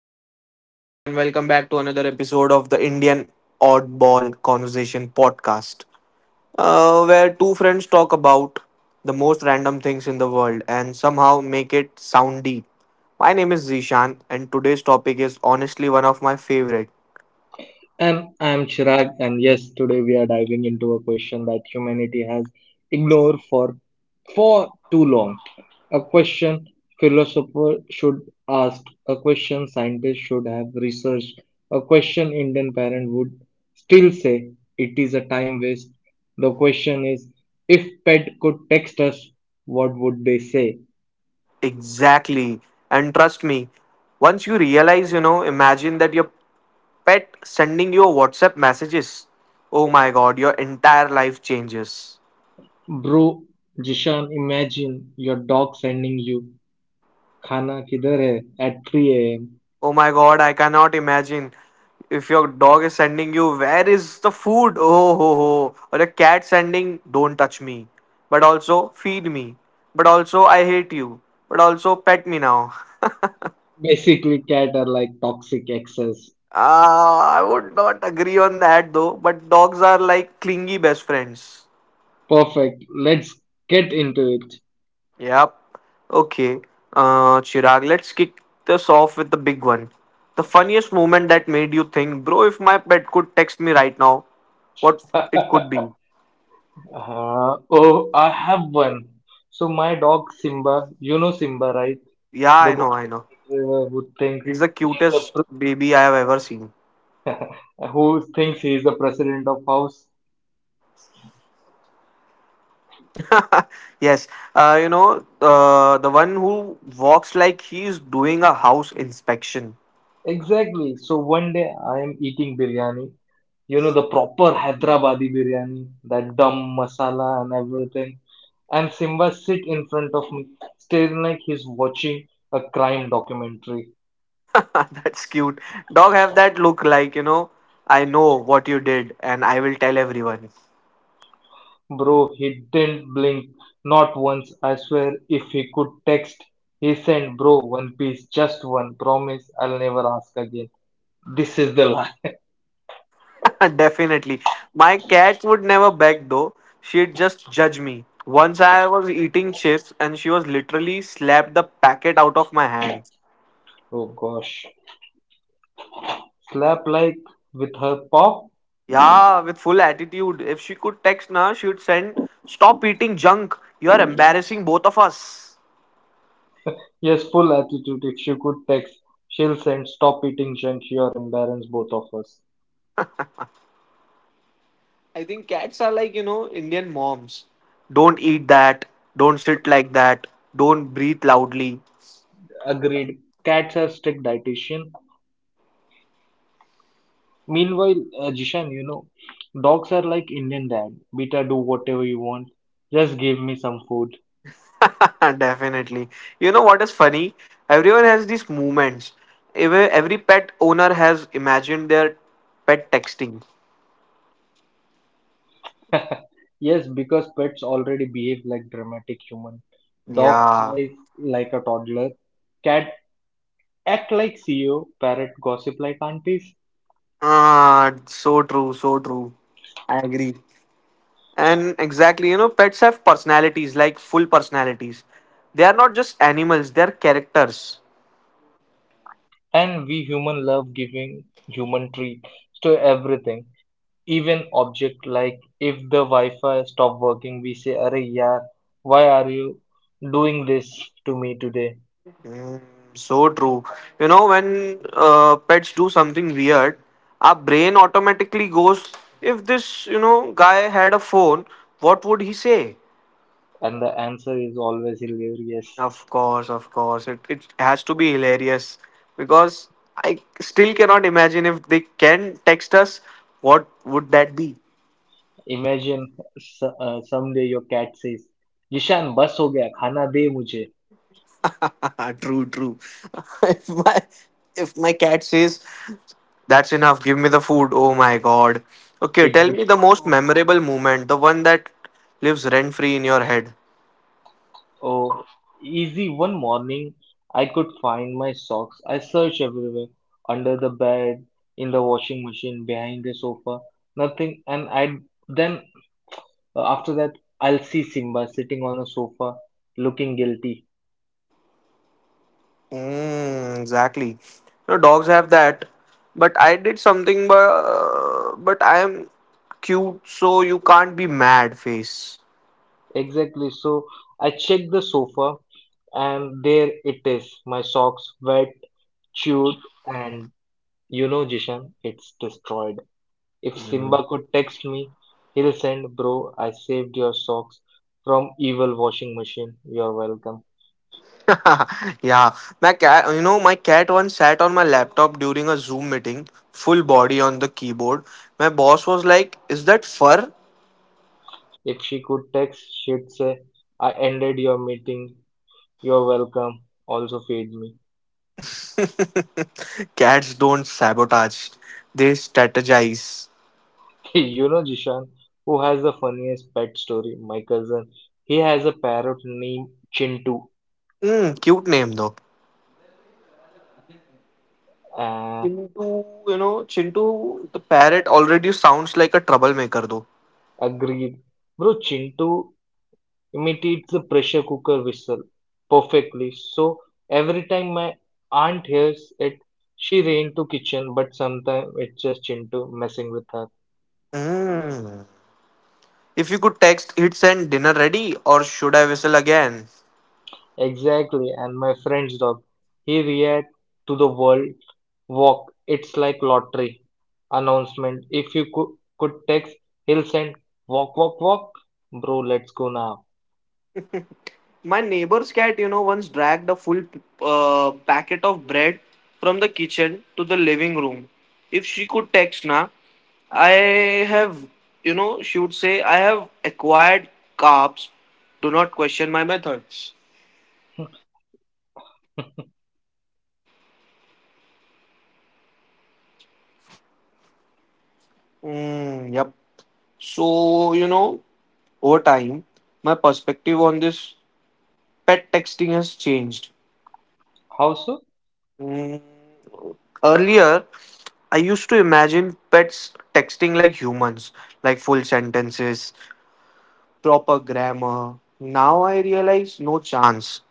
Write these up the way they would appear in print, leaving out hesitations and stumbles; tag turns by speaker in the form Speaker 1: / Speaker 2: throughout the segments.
Speaker 1: Hello, hello, everyone. Welcome back to another episode of the Indian Oddball Conversation podcast, where two friends talk about the most random things in the world and somehow make it sound deep. My name is Zishan, and today's topic is honestly one of my favorite.
Speaker 2: I'm Chirag, and yes, today we are diving into a question that humanity has ignored for too long. A question philosopher should ask, a question scientists should have researched, a question Indian parent would still say it is a time waste. The question is, if pet could text us, what would they say?
Speaker 1: Exactly. And trust me, once you realize, imagine that your pet sending you a WhatsApp messages. Oh my god, your entire life changes.
Speaker 2: Bro, Jishan, imagine your dog sending you "Khana किधर है at 3 a.m.
Speaker 1: Oh my god, I cannot imagine. If your dog is sending you, where is the food? Oh ho ho. Or a cat sending, don't touch me. But also, feed me. But also, I hate you. But also, pet me now.
Speaker 2: Basically, cat are like toxic excess.
Speaker 1: Ah, I would not agree on that though, but dogs are like clingy best friends.
Speaker 2: Perfect. Let's get into it.
Speaker 1: Yep. Okay. Chirag, let's kick this off with the big one. The funniest moment that made you think, bro, if my pet could text me right now, what it could be.
Speaker 2: Oh, I have one. So my dog Simba, you know Simba, right?
Speaker 1: Yeah,
Speaker 2: The golden
Speaker 1: I know.
Speaker 2: retriever
Speaker 1: He's the
Speaker 2: he's the
Speaker 1: cutest
Speaker 2: pre-
Speaker 1: baby I have ever seen.
Speaker 2: who thinks he is the president of house.
Speaker 1: Yes, the one who walks like he's doing a house inspection.
Speaker 2: Exactly. So one day I am eating biryani, you know, the proper Hyderabadi biryani, that dum masala and everything. And Simba sit in front of me, staring like he's watching a crime documentary.
Speaker 1: That's cute. Dog have that look like, I know what you did and I will tell everyone.
Speaker 2: Bro, he didn't blink, not once. I swear, if he could text, he sent, bro, one piece, just one. Promise, I'll never ask again. This is the life.
Speaker 1: Definitely. My cat would never beg though. She'd just judge me. Once I was eating chips and she was literally slapped the packet out of my hand.
Speaker 2: Oh gosh. Slap like with her paw.
Speaker 1: Yeah, with full attitude. If she could text now, she would send, stop eating junk. You are embarrassing both of us.
Speaker 2: Yes, full attitude. If she could text, she'll send stop eating junk here, embarrass both of us.
Speaker 1: I think cats are like, Indian moms. Don't eat that. Don't sit like that. Don't breathe loudly.
Speaker 2: Agreed. Cats are strict dietitian. Meanwhile, Jishan, you know, dogs are like Indian dad. Beta, do whatever you want. Just give me some food.
Speaker 1: Definitely. You know what is funny? Everyone has these movements. Every pet owner has imagined their pet texting.
Speaker 2: Yes, because pets already behave like dramatic human. Dog
Speaker 1: Yeah.
Speaker 2: cries like a toddler. Cat act like CEO. Parrot gossip like aunties.
Speaker 1: Ah, so true. I agree. And exactly, you know, pets have personalities, like full personalities. They are not just animals, they are characters.
Speaker 2: And we human love giving human treat to everything even object like if the Wi-Fi stop working, we say, "Arey yaar, why are you doing this to me today?"
Speaker 1: Mm, so true. You know, when pets do something weird, our brain automatically goes, if this, you know, guy had a phone, what would he say?
Speaker 2: And the answer is always hilarious.
Speaker 1: Of course. It has to be hilarious because I still cannot imagine if they can text us, what would that be?
Speaker 2: Imagine someday your cat says, "Jishan, bas ho gaya, khana de mujhe."
Speaker 1: Ah, true. if my if my cat says that's enough, give me the food. Oh my god. Okay,
Speaker 2: It
Speaker 1: tell
Speaker 2: would
Speaker 1: me
Speaker 2: be
Speaker 1: the most
Speaker 2: so.
Speaker 1: memorable moment, the one that lives rent free in your head.
Speaker 2: Oh, easy. One morning, I could find my socks. I searched everywhere, under the bed, in the washing machine, behind the sofa, nothing, and I then. After that, I'll see Simba sitting on a sofa looking guilty.
Speaker 1: Mm, exactly. You know, dogs have that. But I did something, but I am cute, so you can't be mad. Face.
Speaker 2: Exactly. So I check the sofa, and there it is. My socks wet, chewed, and you know, Jishan, it's destroyed. If
Speaker 1: Hmm.
Speaker 2: Simba could text me, he'll send, bro, I saved your socks from evil washing machine. You're welcome.
Speaker 1: yeah, my cat once sat on my laptop during a Zoom meeting, full body on the keyboard. My boss was like, is that fur?
Speaker 2: If she could text, she'd say, I ended your meeting. You're welcome. Also, feed me.
Speaker 1: Cats don't sabotage, they strategize.
Speaker 2: You know, Jishan, who has the funniest pet story? My cousin. He has a parrot named Chintu.
Speaker 1: Mm, cute name though.
Speaker 2: Uh,
Speaker 1: Chintu, Chintu, the parrot already sounds like a troublemaker though.
Speaker 2: Agreed. Bro, Chintu imitates the pressure cooker whistle perfectly. So every time my aunt hears it, she ran to kitchen, but sometimes it's just Chintu messing with her.
Speaker 1: Mm. If you could text, hit send dinner ready, or should I whistle again?
Speaker 2: Exactly, and my friend's dog. He react to the world walk. It's like lottery announcement. If you could text, he'll send walk, walk, walk. Bro, let's go now.
Speaker 1: My neighbor's cat, you know, once dragged a full packet of bread from the kitchen to the living room. If she could text na, I have, you know, she would say, I have acquired carbs. Do not question my methods. Mm, yep. So, you know, over time, my perspective on this pet texting has changed.
Speaker 2: How so?
Speaker 1: Mm. Earlier, I used to imagine pets texting like humans, like full sentences, proper grammar. Now I realize no chance.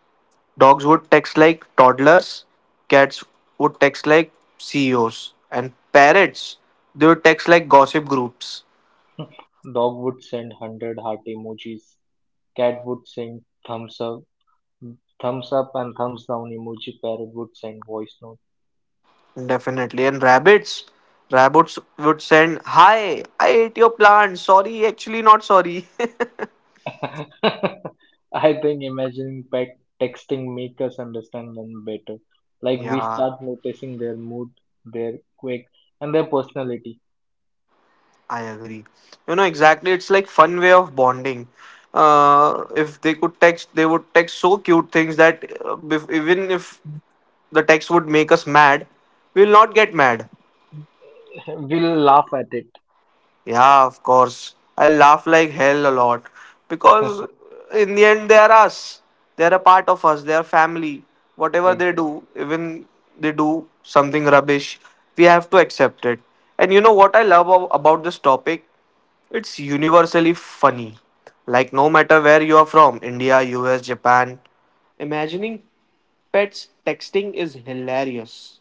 Speaker 1: Dogs would text like toddlers, cats would text like CEOs, and parrots they would text like gossip groups.
Speaker 2: Dog would send 100 heart emojis. Cat would send thumbs up, thumbs up and thumbs down emoji. Parrot would send voice note.
Speaker 1: Definitely. And rabbits would send, hi, I ate your plant. Sorry, actually, not sorry.
Speaker 2: I think imagining pet texting make us understand them better. Like we
Speaker 1: yeah.
Speaker 2: start noticing their mood, their quirk, and their personality.
Speaker 1: I agree. You know, exactly. It's like fun way of bonding. If they could text, they would text so cute things that if, even if the text would make us mad, we'll not get mad.
Speaker 2: We'll laugh at it.
Speaker 1: Yeah, of course. I laugh like hell a lot because in the end, they are us. They are a part of us. They are family. Whatever they
Speaker 2: Ex-
Speaker 1: do, even they do something rubbish, we have to accept it. And you know what I love about this topic? It's universally funny. Like, no matter where you are from India, US, Japan imagining pets texting is hilarious.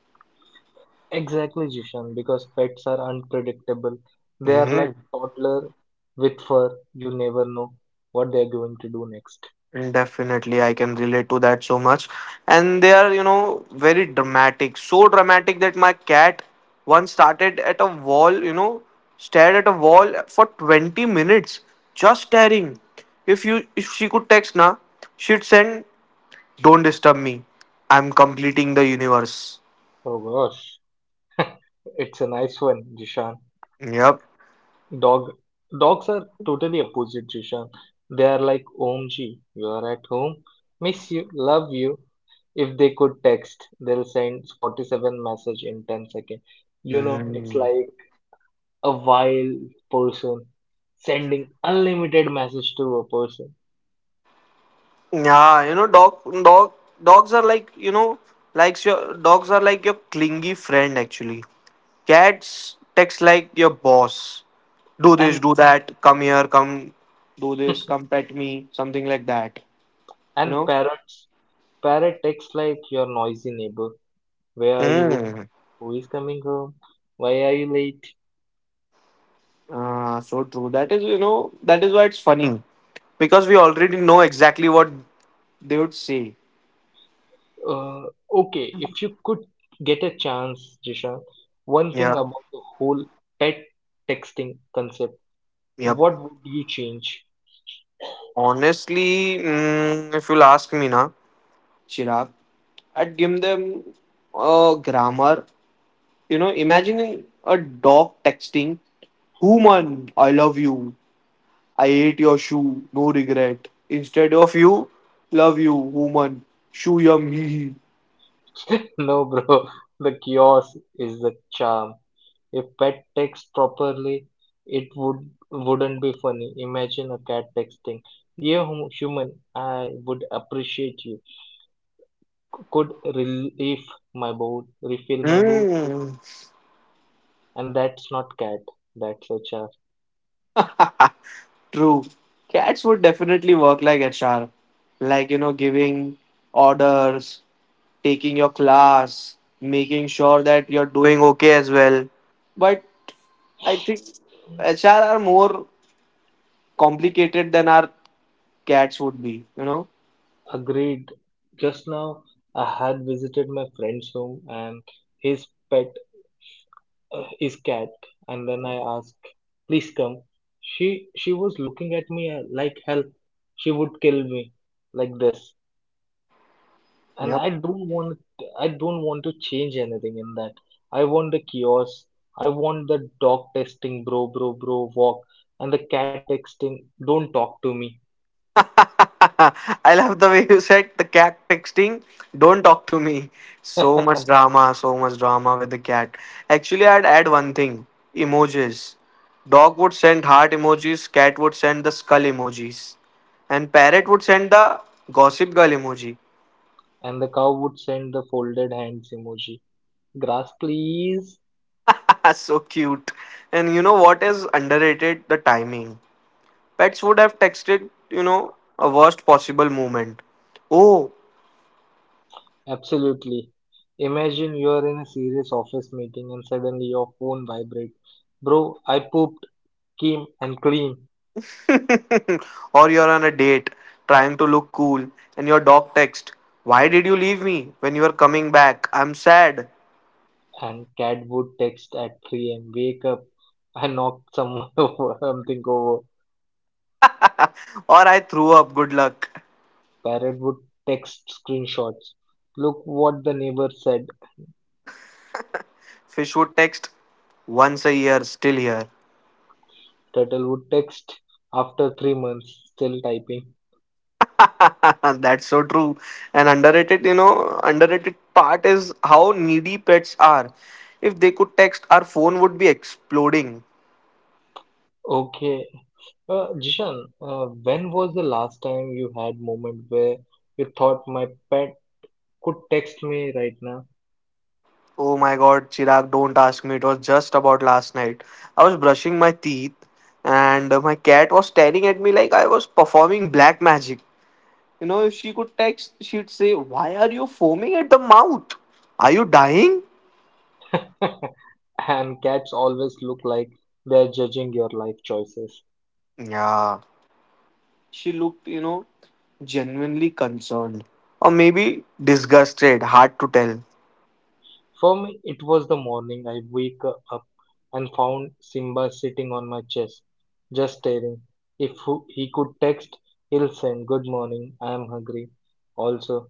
Speaker 2: Exactly, Jishan, because pets are unpredictable. They are like toddler with fur. You never know what they're going to do next.
Speaker 1: Definitely, I can relate to that so much. And they are, you know, very dramatic. So dramatic that my cat once started at a wall, you know, stared at a wall for 20 minutes, just staring. If she could text na, she'd send, don't disturb me. I'm completing the universe.
Speaker 2: Oh gosh, it's a nice one, Jishan.
Speaker 1: Yep.
Speaker 2: Dog, dogs are totally opposite, Jishan. They are like OMG, you are at home, miss you, love you. If they could text, they'll send 47 message in 10 seconds. You know, it's
Speaker 1: Mm.
Speaker 2: like a wild person sending unlimited message to a person.
Speaker 1: Yeah, you know, dogs are like, you know, likes your dogs are like your clingy friend actually. Cats text like your boss. Do this,
Speaker 2: And
Speaker 1: do that, come do this, come pet me, something like that. You
Speaker 2: and
Speaker 1: know?
Speaker 2: parrots, parrot texts like your noisy neighbor. Where are you?
Speaker 1: Mm.
Speaker 2: Who is coming home? Why are you late?
Speaker 1: Ah, so true. That is, you know, that is why it's funny. Because we already know exactly what they would say.
Speaker 2: Uh, okay, if you could get a chance, Jishan, one thing
Speaker 1: Yeah.
Speaker 2: about the whole pet texting concept,
Speaker 1: Yep.
Speaker 2: what would you change?
Speaker 1: Honestly, if you'll ask me na. Chirag. I'd give them a grammar. You know, imagining a dog texting, human, I love you. I ate your shoe, no regret. Instead of you, love you, woman. Shoe yum hee hee.
Speaker 2: No, bro, the chaos is the charm. If pet texts properly, it wouldn't be funny. Imagine a cat texting, "Dear human, I would appreciate you. Could relieve my bowl, refill my bowl,"
Speaker 1: Mm.
Speaker 2: and that's not cat, that's a charm.
Speaker 1: True. Cats would definitely work like HR. Like, you know, giving orders, taking your class, making sure that you're doing okay as well. But I think HR are more complicated than our cats would be, you know?
Speaker 2: Agreed. Just now I had visited my friend's home and his pet, his cat, and then I asked, "Please come." She she was looking at me like hell. She would kill me like this, and
Speaker 1: Yep.
Speaker 2: I don't want to change anything in that. I want the kiosk. I want the dog testing, bro, bro, bro, walk, and the cat texting, don't talk to me.
Speaker 1: I love the way you said the cat texting, don't talk to me. So much drama with the cat. Actually, I'd add one thing emojis. Dog would send heart emojis, cat would send the skull emojis, and parrot would send the gossip girl emoji.
Speaker 2: And the cow would send the folded hands emoji. Grass, please.
Speaker 1: so cute. And you know what is underrated? The timing. Pets would have texted, you know, a worst possible moment. Oh,
Speaker 2: Absolutely. Imagine you're in a serious office meeting and suddenly your phone vibrates. Bro, I pooped, came and clean.
Speaker 1: or you're on a date trying to look cool and your dog texts, why did you leave me when you were coming back? I'm sad.
Speaker 2: And cat would text at 3 a.m., wake up. I knocked someone over, something over.
Speaker 1: Or I threw up, good luck.
Speaker 2: Parrot would text screenshots. Look what the neighbor said.
Speaker 1: Fish would text, once a year, still here.
Speaker 2: Turtle would text after 3 months, still typing.
Speaker 1: That's so true. And underrated, underrated part is how needy pets are. If they could text, our phone would be exploding.
Speaker 2: Okay. Jishan, when was the last time you had moment where you thought my pet could text me right now?
Speaker 1: Oh my god, Chirag, don't ask me. It was just about last night. I was brushing my teeth and my cat was staring at me like I was performing black magic. You know, if she could text, she'd say, why are you foaming at the mouth? Are you dying?
Speaker 2: And cats always look like they're judging your life choices.
Speaker 1: Yeah. She looked, you know, genuinely concerned. Or maybe disgusted, hard to tell.
Speaker 2: For me, it was the morning I wake up and found Simba sitting on my chest, just staring. If he could text, he'll send, good morning, I am hungry. Also,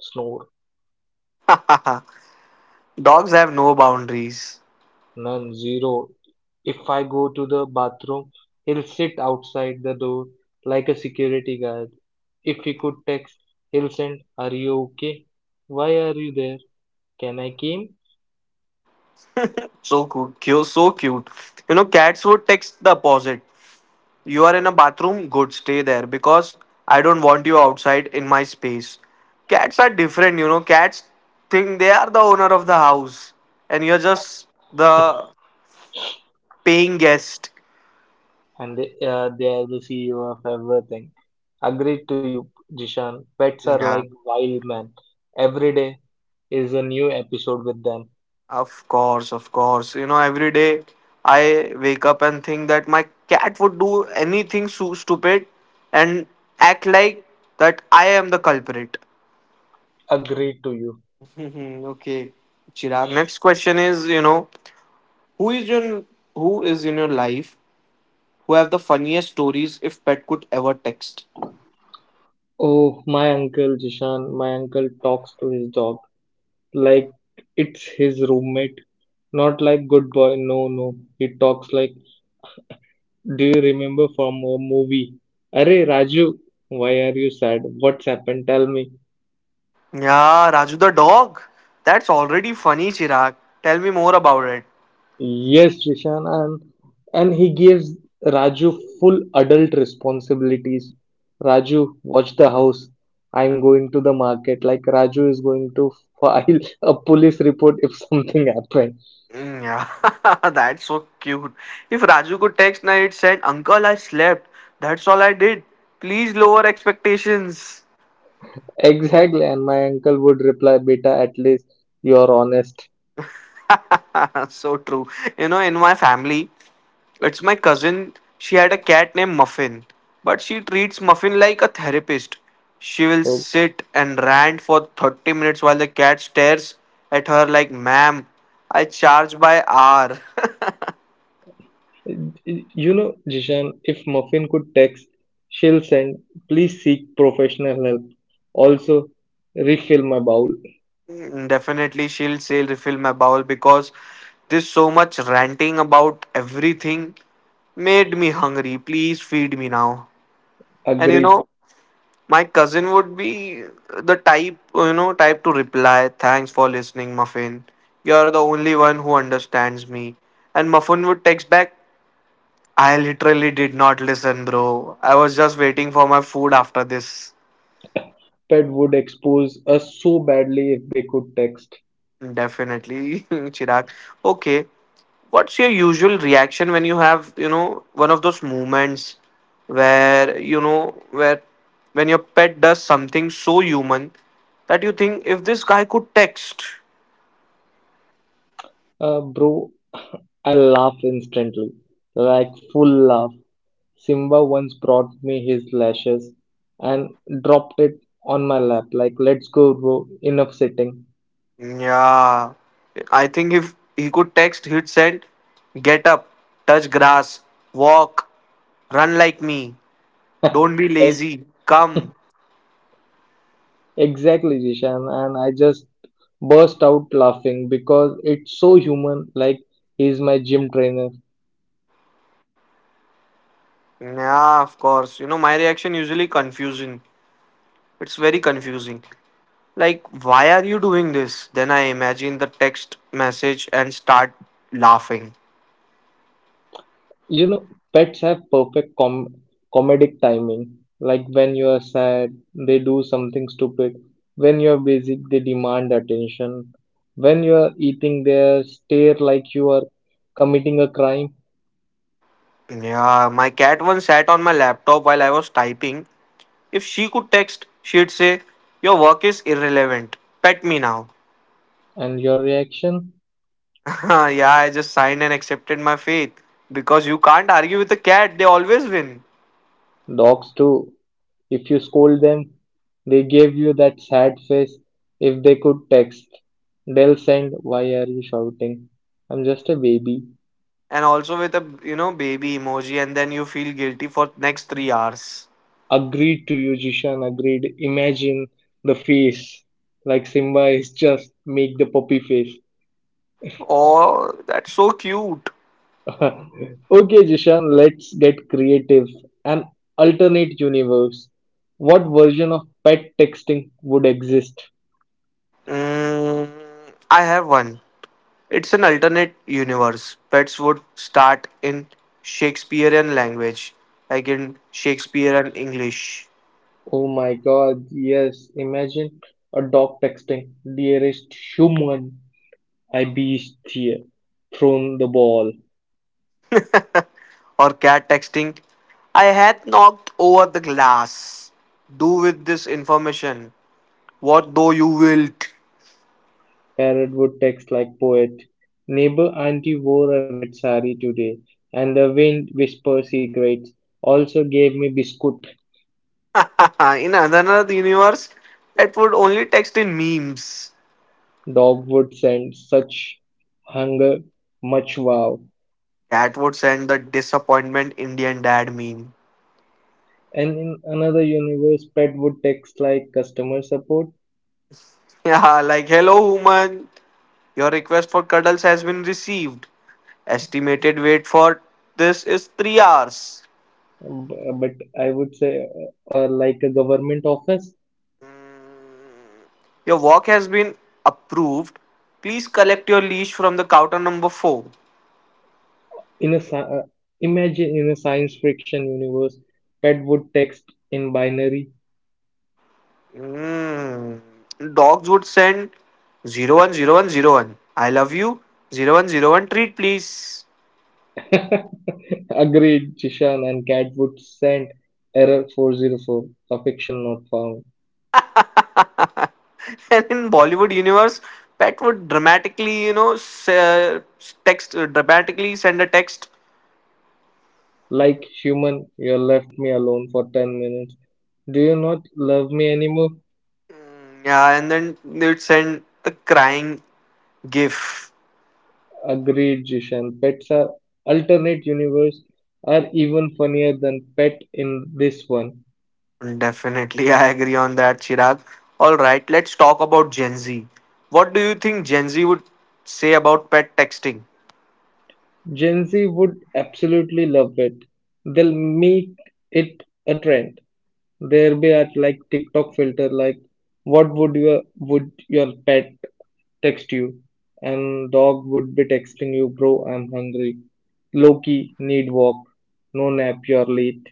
Speaker 2: snore.
Speaker 1: Dogs have no boundaries.
Speaker 2: None, zero. If I go to the bathroom, he'll sit outside the door like a security guard. If he could text, he'll send, are you okay? Why are you there? Can I come?
Speaker 1: So so cute. You know, cats would text the opposite. You are in a bathroom? Good, stay there because I don't want you outside in my space. Cats are different, you know. Cats think they are the owner of the house and you're just the paying guest.
Speaker 2: And they are the CEO of everything. Agreed to you, Jishan. Pets are like
Speaker 1: Yeah,
Speaker 2: wild men. Every day is a new episode with them.
Speaker 1: of course. You know, every day I wake up and think that my cat would do anything so stupid and act like that I am the culprit.
Speaker 2: Agreed to you.
Speaker 1: Mhm, okay, Chirag. Next question is, who is your who is in your life who have the funniest stories if pet could ever text.
Speaker 2: Oh, my uncle Jishan, my uncle talks to his dog, like it's his roommate. Not like good boy, no, no. He talks like, do you remember from a movie? Arey Raju, why are you sad? What's happened? Tell me.
Speaker 1: Yeah, Raju the dog. That's already funny, Chirag. Tell me more about it.
Speaker 2: Yes, Rishan, and he gives Raju full adult responsibilities. Raju, watch the house. I'm going to the market. Like Raju is going to file a police report if something happens.
Speaker 1: Mm, yeah, that's so cute. If Raju could text, now it said, uncle, I slept. That's all I did. Please lower expectations.
Speaker 2: Exactly, and my uncle would reply, "Beta, at least you are honest."
Speaker 1: so true. You know, in my family, it's my cousin. She had a cat named Muffin, but she treats Muffin like a therapist. She will
Speaker 2: Oh,
Speaker 1: sit and rant for 30 minutes while the cat stares at her like, ma'am, I charge by hour.
Speaker 2: you know, Jishan, if Muffin could text, she'll send, please seek professional help. Also, refill my bowl.
Speaker 1: Mm, definitely, she'll say, refill my bowl because this so much ranting about everything made me hungry. Please feed me now. And you
Speaker 2: Agreed.
Speaker 1: know, my cousin would be the type, type to reply, "Thanks for listening, Muffin. You're the only one who understands me." And Muffin would text back, "I literally did not listen, bro. I was just waiting for my food after this."
Speaker 2: Pet would expose us so badly if they could text.
Speaker 1: Definitely, Chirag. Okay, what's your usual reaction when you have, you know, one of those moments where, you know, where when your pet does something so human that you think if this guy could text
Speaker 2: Bro, I laugh instantly, like full laugh. Simba once brought me his lashes and dropped it on my lap, like, let's go, bro, enough sitting.
Speaker 1: Yeah. I think if he could text, he'd send, get up, touch grass, walk, run like me, don't be
Speaker 2: I
Speaker 1: lazy, come.
Speaker 2: Exactly, Zishan. And I just burst out laughing because it's so human. Like, he's my gym trainer.
Speaker 1: Yeah, of course. You know, my reaction usually confusing. It's very confusing. Like, why are you doing this? Then I imagine the text message and start laughing.
Speaker 2: You know, pets have perfect comedic timing. Like, when you are sad, they do something stupid. When you are busy, they demand attention. When you are eating, they stare like you are committing a crime.
Speaker 1: Yeah, my cat once sat on my laptop while I was typing. If she could text, she'd say, your work is irrelevant. Pet me now.
Speaker 2: And your reaction?
Speaker 1: Huh, yeah, I just signed and accepted my fate because you can't argue with a cat; they always win.
Speaker 2: Dogs too. If you scold them, they give you that sad face. If they could text, they'll send, why are you shouting? I'm just a baby.
Speaker 1: And also with a baby emoji, and then you feel guilty for next 3 hours.
Speaker 2: Agreed to you, Jishan. Agreed. Imagine the face. Like Simba is just make the puppy face.
Speaker 1: Oh, that's so cute.
Speaker 2: Okay, Jishan, let's get creative. An alternate universe. What version of pet texting would exist?
Speaker 1: Mm, I have one. It's an alternate universe. Pets would start in Shakespearean language, like in Shakespearean English,
Speaker 2: Oh my God, yes. Imagine a dog texting, dearest human, I beast here. Thrown the ball.
Speaker 1: or cat texting. I had knocked over the glass. Do with this information what though you wilt?
Speaker 2: Parrot would text like poet. Neighbor auntie wore a red sari today, and the wind whisper secrets. Also gave me biscuit.
Speaker 1: In another universe, it would only text in memes.
Speaker 2: Dog would send such hunger, much wow.
Speaker 1: Cat would send the disappointment Indian dad meme.
Speaker 2: And in another universe, pet would text like customer support,
Speaker 1: Yeah, like hello human. Your request for cuddles has been received. Estimated wait for this is 3 hours.
Speaker 2: but I would say, or like a government office.
Speaker 1: Your walk has been approved. Please collect your leash from the counter number 4.
Speaker 2: In a imagine in a science fiction universe, pet would text in binary.
Speaker 1: Mm. Dogs would send 0 1 0 1 0 1. I love you. 0 1 0 1 treat please.
Speaker 2: Agreed, Chishan, and cat would send error 404, affection not found.
Speaker 1: And in Bollywood universe, Pat would dramatically, text dramatically send a text.
Speaker 2: Like human, you left me alone for 10 minutes. Do you not love me anymore?
Speaker 1: Yeah, and then they would send a crying gif.
Speaker 2: Agreed, Jishan. Pets are alternate universe are even funnier than pet in this one.
Speaker 1: Definitely, I agree on that, Chirag. All right, let's talk about Gen Z. What do you think Gen Z would say about pet texting?
Speaker 2: Gen Z would absolutely love it. They'll make it a trend. There be at like TikTok filter like what would your pet text you? And dog would be texting you, bro, I'm hungry. Loki need walk. No nap, you're late.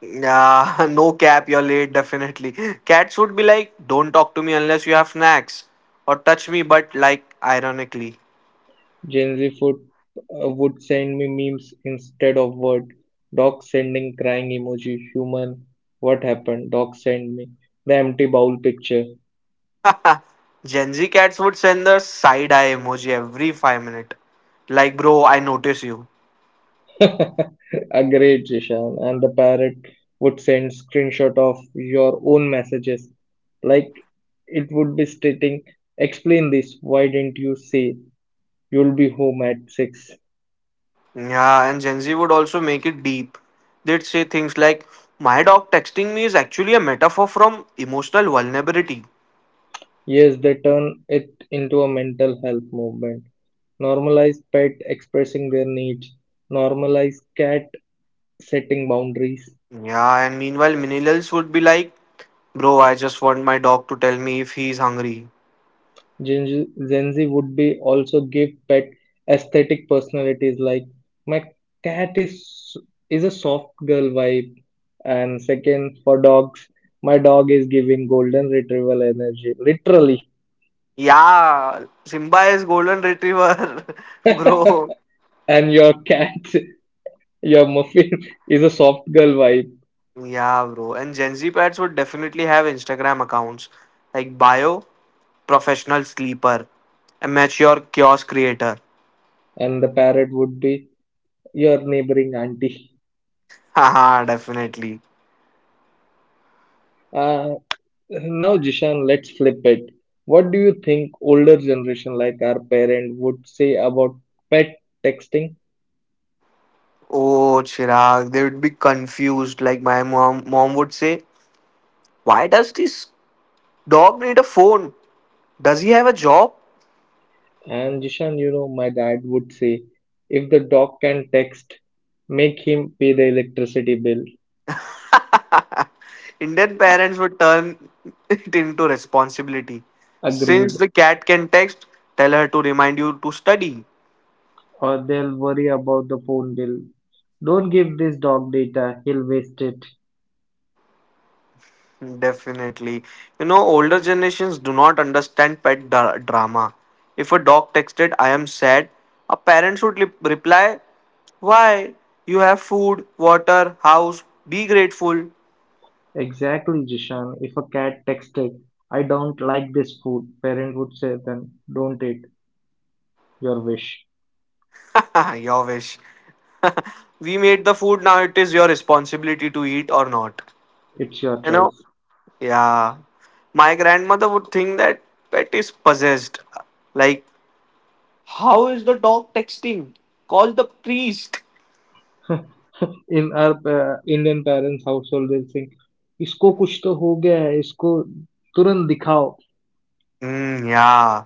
Speaker 1: Yeah, no cap, you're late, definitely. Cats would be like, don't talk to me unless you have snacks, or touch me, but like, ironically.
Speaker 2: Gen Z food would send me memes instead of word. Dog sending crying emoji. Human, what happened? Dog send me the empty bowl picture.
Speaker 1: Gen Z cats would send the side eye emoji every 5 minutes. Like, bro, I notice you.
Speaker 2: Agreed, Jishan. And the parrot would send screenshot of your own messages. Like it would be stating, explain this, why didn't you say you'll be home at 6?
Speaker 1: Yeah, and Gen Z would also make it deep. They'd say things like, my dog texting me is actually a metaphor from emotional vulnerability.
Speaker 2: Yes, they turn it into a mental health movement. Normalize pet expressing their needs. Normalize cat setting boundaries.
Speaker 1: Yeah, and meanwhile, millennials would be like, bro, I just want my dog to tell me if he's hungry.
Speaker 2: Gen Z would be also give pet aesthetic personalities like my cat is a soft girl vibe, and second for dogs, my dog is giving golden retrieval energy, literally.
Speaker 1: Yeah, Simba is golden retriever, bro.
Speaker 2: And your cat, your muffin is a soft girl vibe,
Speaker 1: Yeah, bro. And Gen Z pets would definitely have Instagram accounts like bio. Professional sleeper, amateur kiosk creator.
Speaker 2: and the parrot would be your neighboring auntie.
Speaker 1: Haha, definitely.
Speaker 2: Ah, now, Jishan, let's flip it. What do you think older generation like our parent would say about pet texting?
Speaker 1: Oh, Chirag, they would be confused. Like my mom would say, "Why does this dog need a phone? Does he have a job?"
Speaker 2: And Jishan, you know, my dad would say, if the dog can text, make him pay the electricity bill.
Speaker 1: Indian parents would turn it into responsibility. Since
Speaker 2: Agreed.
Speaker 1: the cat can text, tell her to remind you to study.
Speaker 2: Or they'll worry about the phone bill. Don't give this dog data, he'll waste it.
Speaker 1: Definitely. You know, older generations do not understand drama. If a dog texted, I am sad, a parent should reply, why? You have food, water, house, be grateful.
Speaker 2: Exactly, Jishan. If a cat texted, I don't like this food, parent would say then, don't eat your wish.
Speaker 1: Your wish. We made the food, now it is your responsibility to eat or not.
Speaker 2: It's your
Speaker 1: You know?
Speaker 2: choice.
Speaker 1: Yeah. My grandmother would think that pet is possessed. Like, how is the dog texting? Call the priest.
Speaker 2: In our Indian parents household will think इसको कुछ तो हो गया है इसको तुरंत दिखाओ.
Speaker 1: Mm, yeah.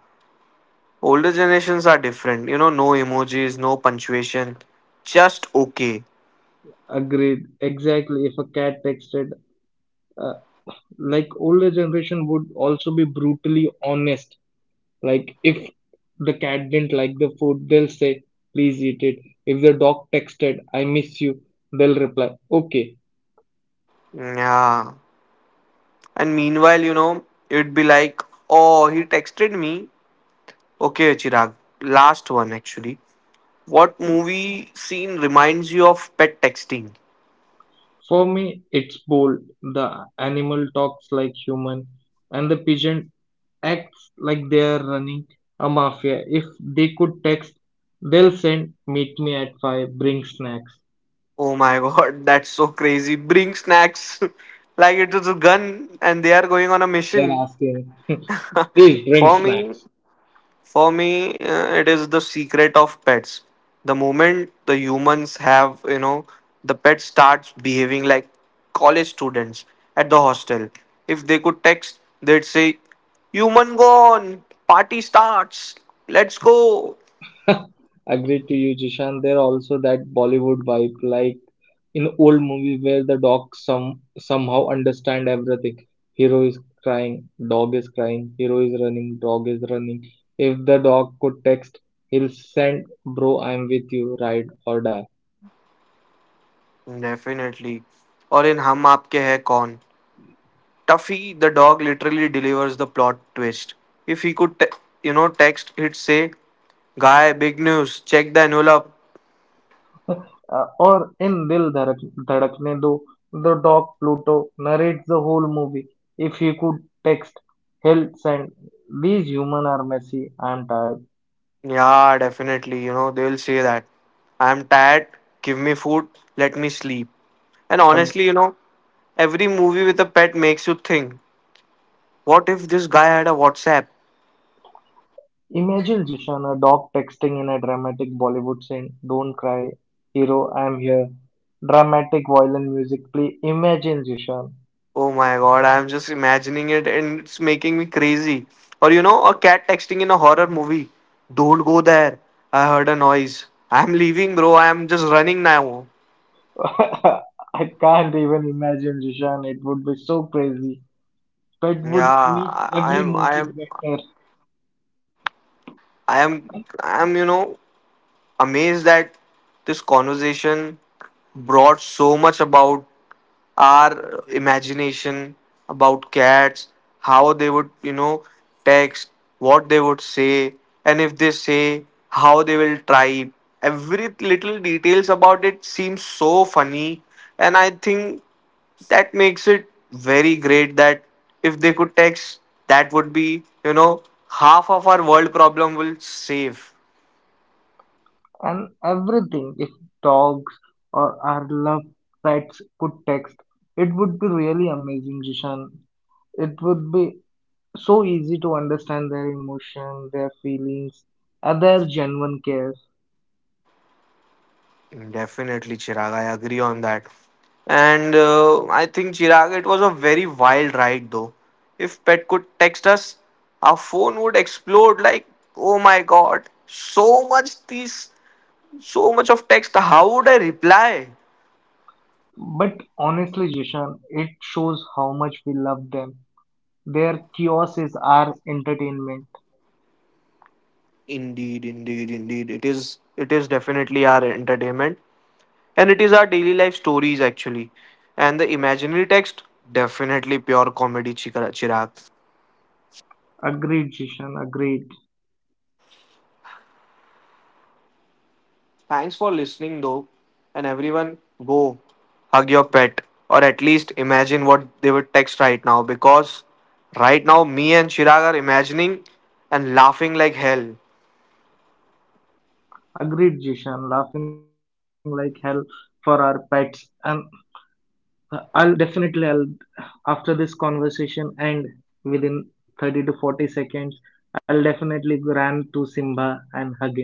Speaker 1: Older generations are different. You know, no emojis, no punctuation, just okay.
Speaker 2: Agreed, exactly. If a cat texted, uh, like older generation would also be brutally honest, like if the cat didn't like the food, they'll say please eat it. If the dog texted I miss you, they'll reply okay.
Speaker 1: Yeah. And meanwhile, it'd be like, oh, he texted me. Okay, Chirag. Last one, actually. What movie scene reminds you of pet texting?
Speaker 2: For me, it's both. The animal talks like human, and the pigeon acts like they're running a mafia. If they could text, they'll send, meet me at 5, bring snacks.
Speaker 1: Oh my god, that's so crazy. Bring snacks. Like it was a gun and they are going on a
Speaker 2: They're
Speaker 1: mission.
Speaker 2: asking, please bring
Speaker 1: For me,
Speaker 2: snacks.
Speaker 1: For me, it is the secret of pets. The moment the humans have, the pet starts behaving like college students at the hostel. If they could text, they'd say, human gone, party starts, let's go.
Speaker 2: Agreed to you, Jishan. There also that Bollywood vibe, like in old movie where the dog somehow understand everything. Hero is crying, dog is crying. Hero is running, dog is running. If the dog could text, he'll send, "Bro, I'm with you, ride or die."
Speaker 1: Definitely. Or in Hum Aapke Hai Kaun, Tuffy the dog literally delivers the plot twist. If he could, text, he'd say, guy, big news. Check the envelope.
Speaker 2: Or in Dil Dhadakne Do, the dog Pluto narrates the whole movie. If he could text, he'll send, "These human are messy. I'm tired."
Speaker 1: Yeah, definitely. You know, they will say that. I'm tired, give me food, let me sleep. And honestly, every movie with a pet makes you think, what if this guy had a WhatsApp?
Speaker 2: Imagine, Jishan, a dog texting in a dramatic Bollywood scene, don't cry, hero, I'm here. Dramatic violin music, play. Imagine, Jishan.
Speaker 1: Oh my god, I'm just imagining it and it's making me crazy. Or, a cat texting in a horror movie, don't go there. I heard a noise. I'm leaving, bro. I'm just running now.
Speaker 2: I can't even imagine, Jishan. It would be so crazy. Pet
Speaker 1: Yeah,
Speaker 2: would make
Speaker 1: I
Speaker 2: every
Speaker 1: am, I
Speaker 2: movie
Speaker 1: am,
Speaker 2: better.
Speaker 1: I am, I am, amazed that this conversation brought so much about our imagination, about cats, how they would, text, what they would say, and if they say, how they will type. Every little details about it seems so funny, and I think that makes it very great that if they could text, that would be, half of our world problem will save.
Speaker 2: And everything, if dogs or our love pets could text, it would be really amazing, Jishan. It would be so easy to understand their emotion, their feelings, and their genuine care.
Speaker 1: Definitely, Chirag. I agree on that. And I think, Chirag, it was a very wild ride though. If Pet could text us, our phone would explode like, oh my god, so much these, so much of text. How would I reply?
Speaker 2: But honestly, Jishan, it shows how much we love them. Their chaos is our entertainment.
Speaker 1: Indeed, indeed, indeed. It is definitely our entertainment. And it is our daily life stories actually. And the imaginary text, definitely pure comedy, Chirag.
Speaker 2: Agreed, Jishan, agreed.
Speaker 1: Thanks for listening, though. And everyone, go hug your pet or at least imagine what they would text right now because right now, me and Chirag are imagining and laughing like hell.
Speaker 2: Agreed, Jishan, laughing like hell for our pets. And I'll definitely, I'll, after this conversation end within 30 to 40 seconds, I'll definitely run to Simba and hug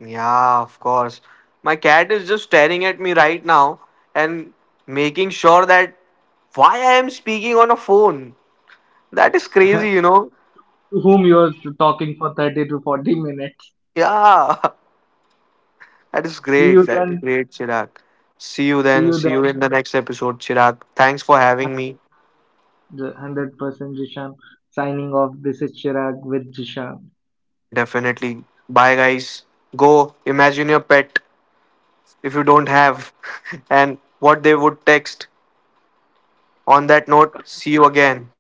Speaker 1: Yeah, of course. My cat is just staring at me right now and making sure that why I am speaking on a phone. That is
Speaker 2: him.
Speaker 1: crazy, you know.
Speaker 2: To whom you are talking for 30 to 40 minutes.
Speaker 1: Yeah, that is
Speaker 2: See
Speaker 1: great.
Speaker 2: you
Speaker 1: That is
Speaker 2: then.
Speaker 1: great, Chirag. See you
Speaker 2: See
Speaker 1: then.
Speaker 2: you
Speaker 1: See
Speaker 2: then.
Speaker 1: you in the next episode, Chirag. Thanks for having me.
Speaker 2: 100% Jishan signing off. This is Chirag with Jishan.
Speaker 1: Definitely. Bye, guys. Go imagine your pet if you don't have and what they would text. On that note, see you again.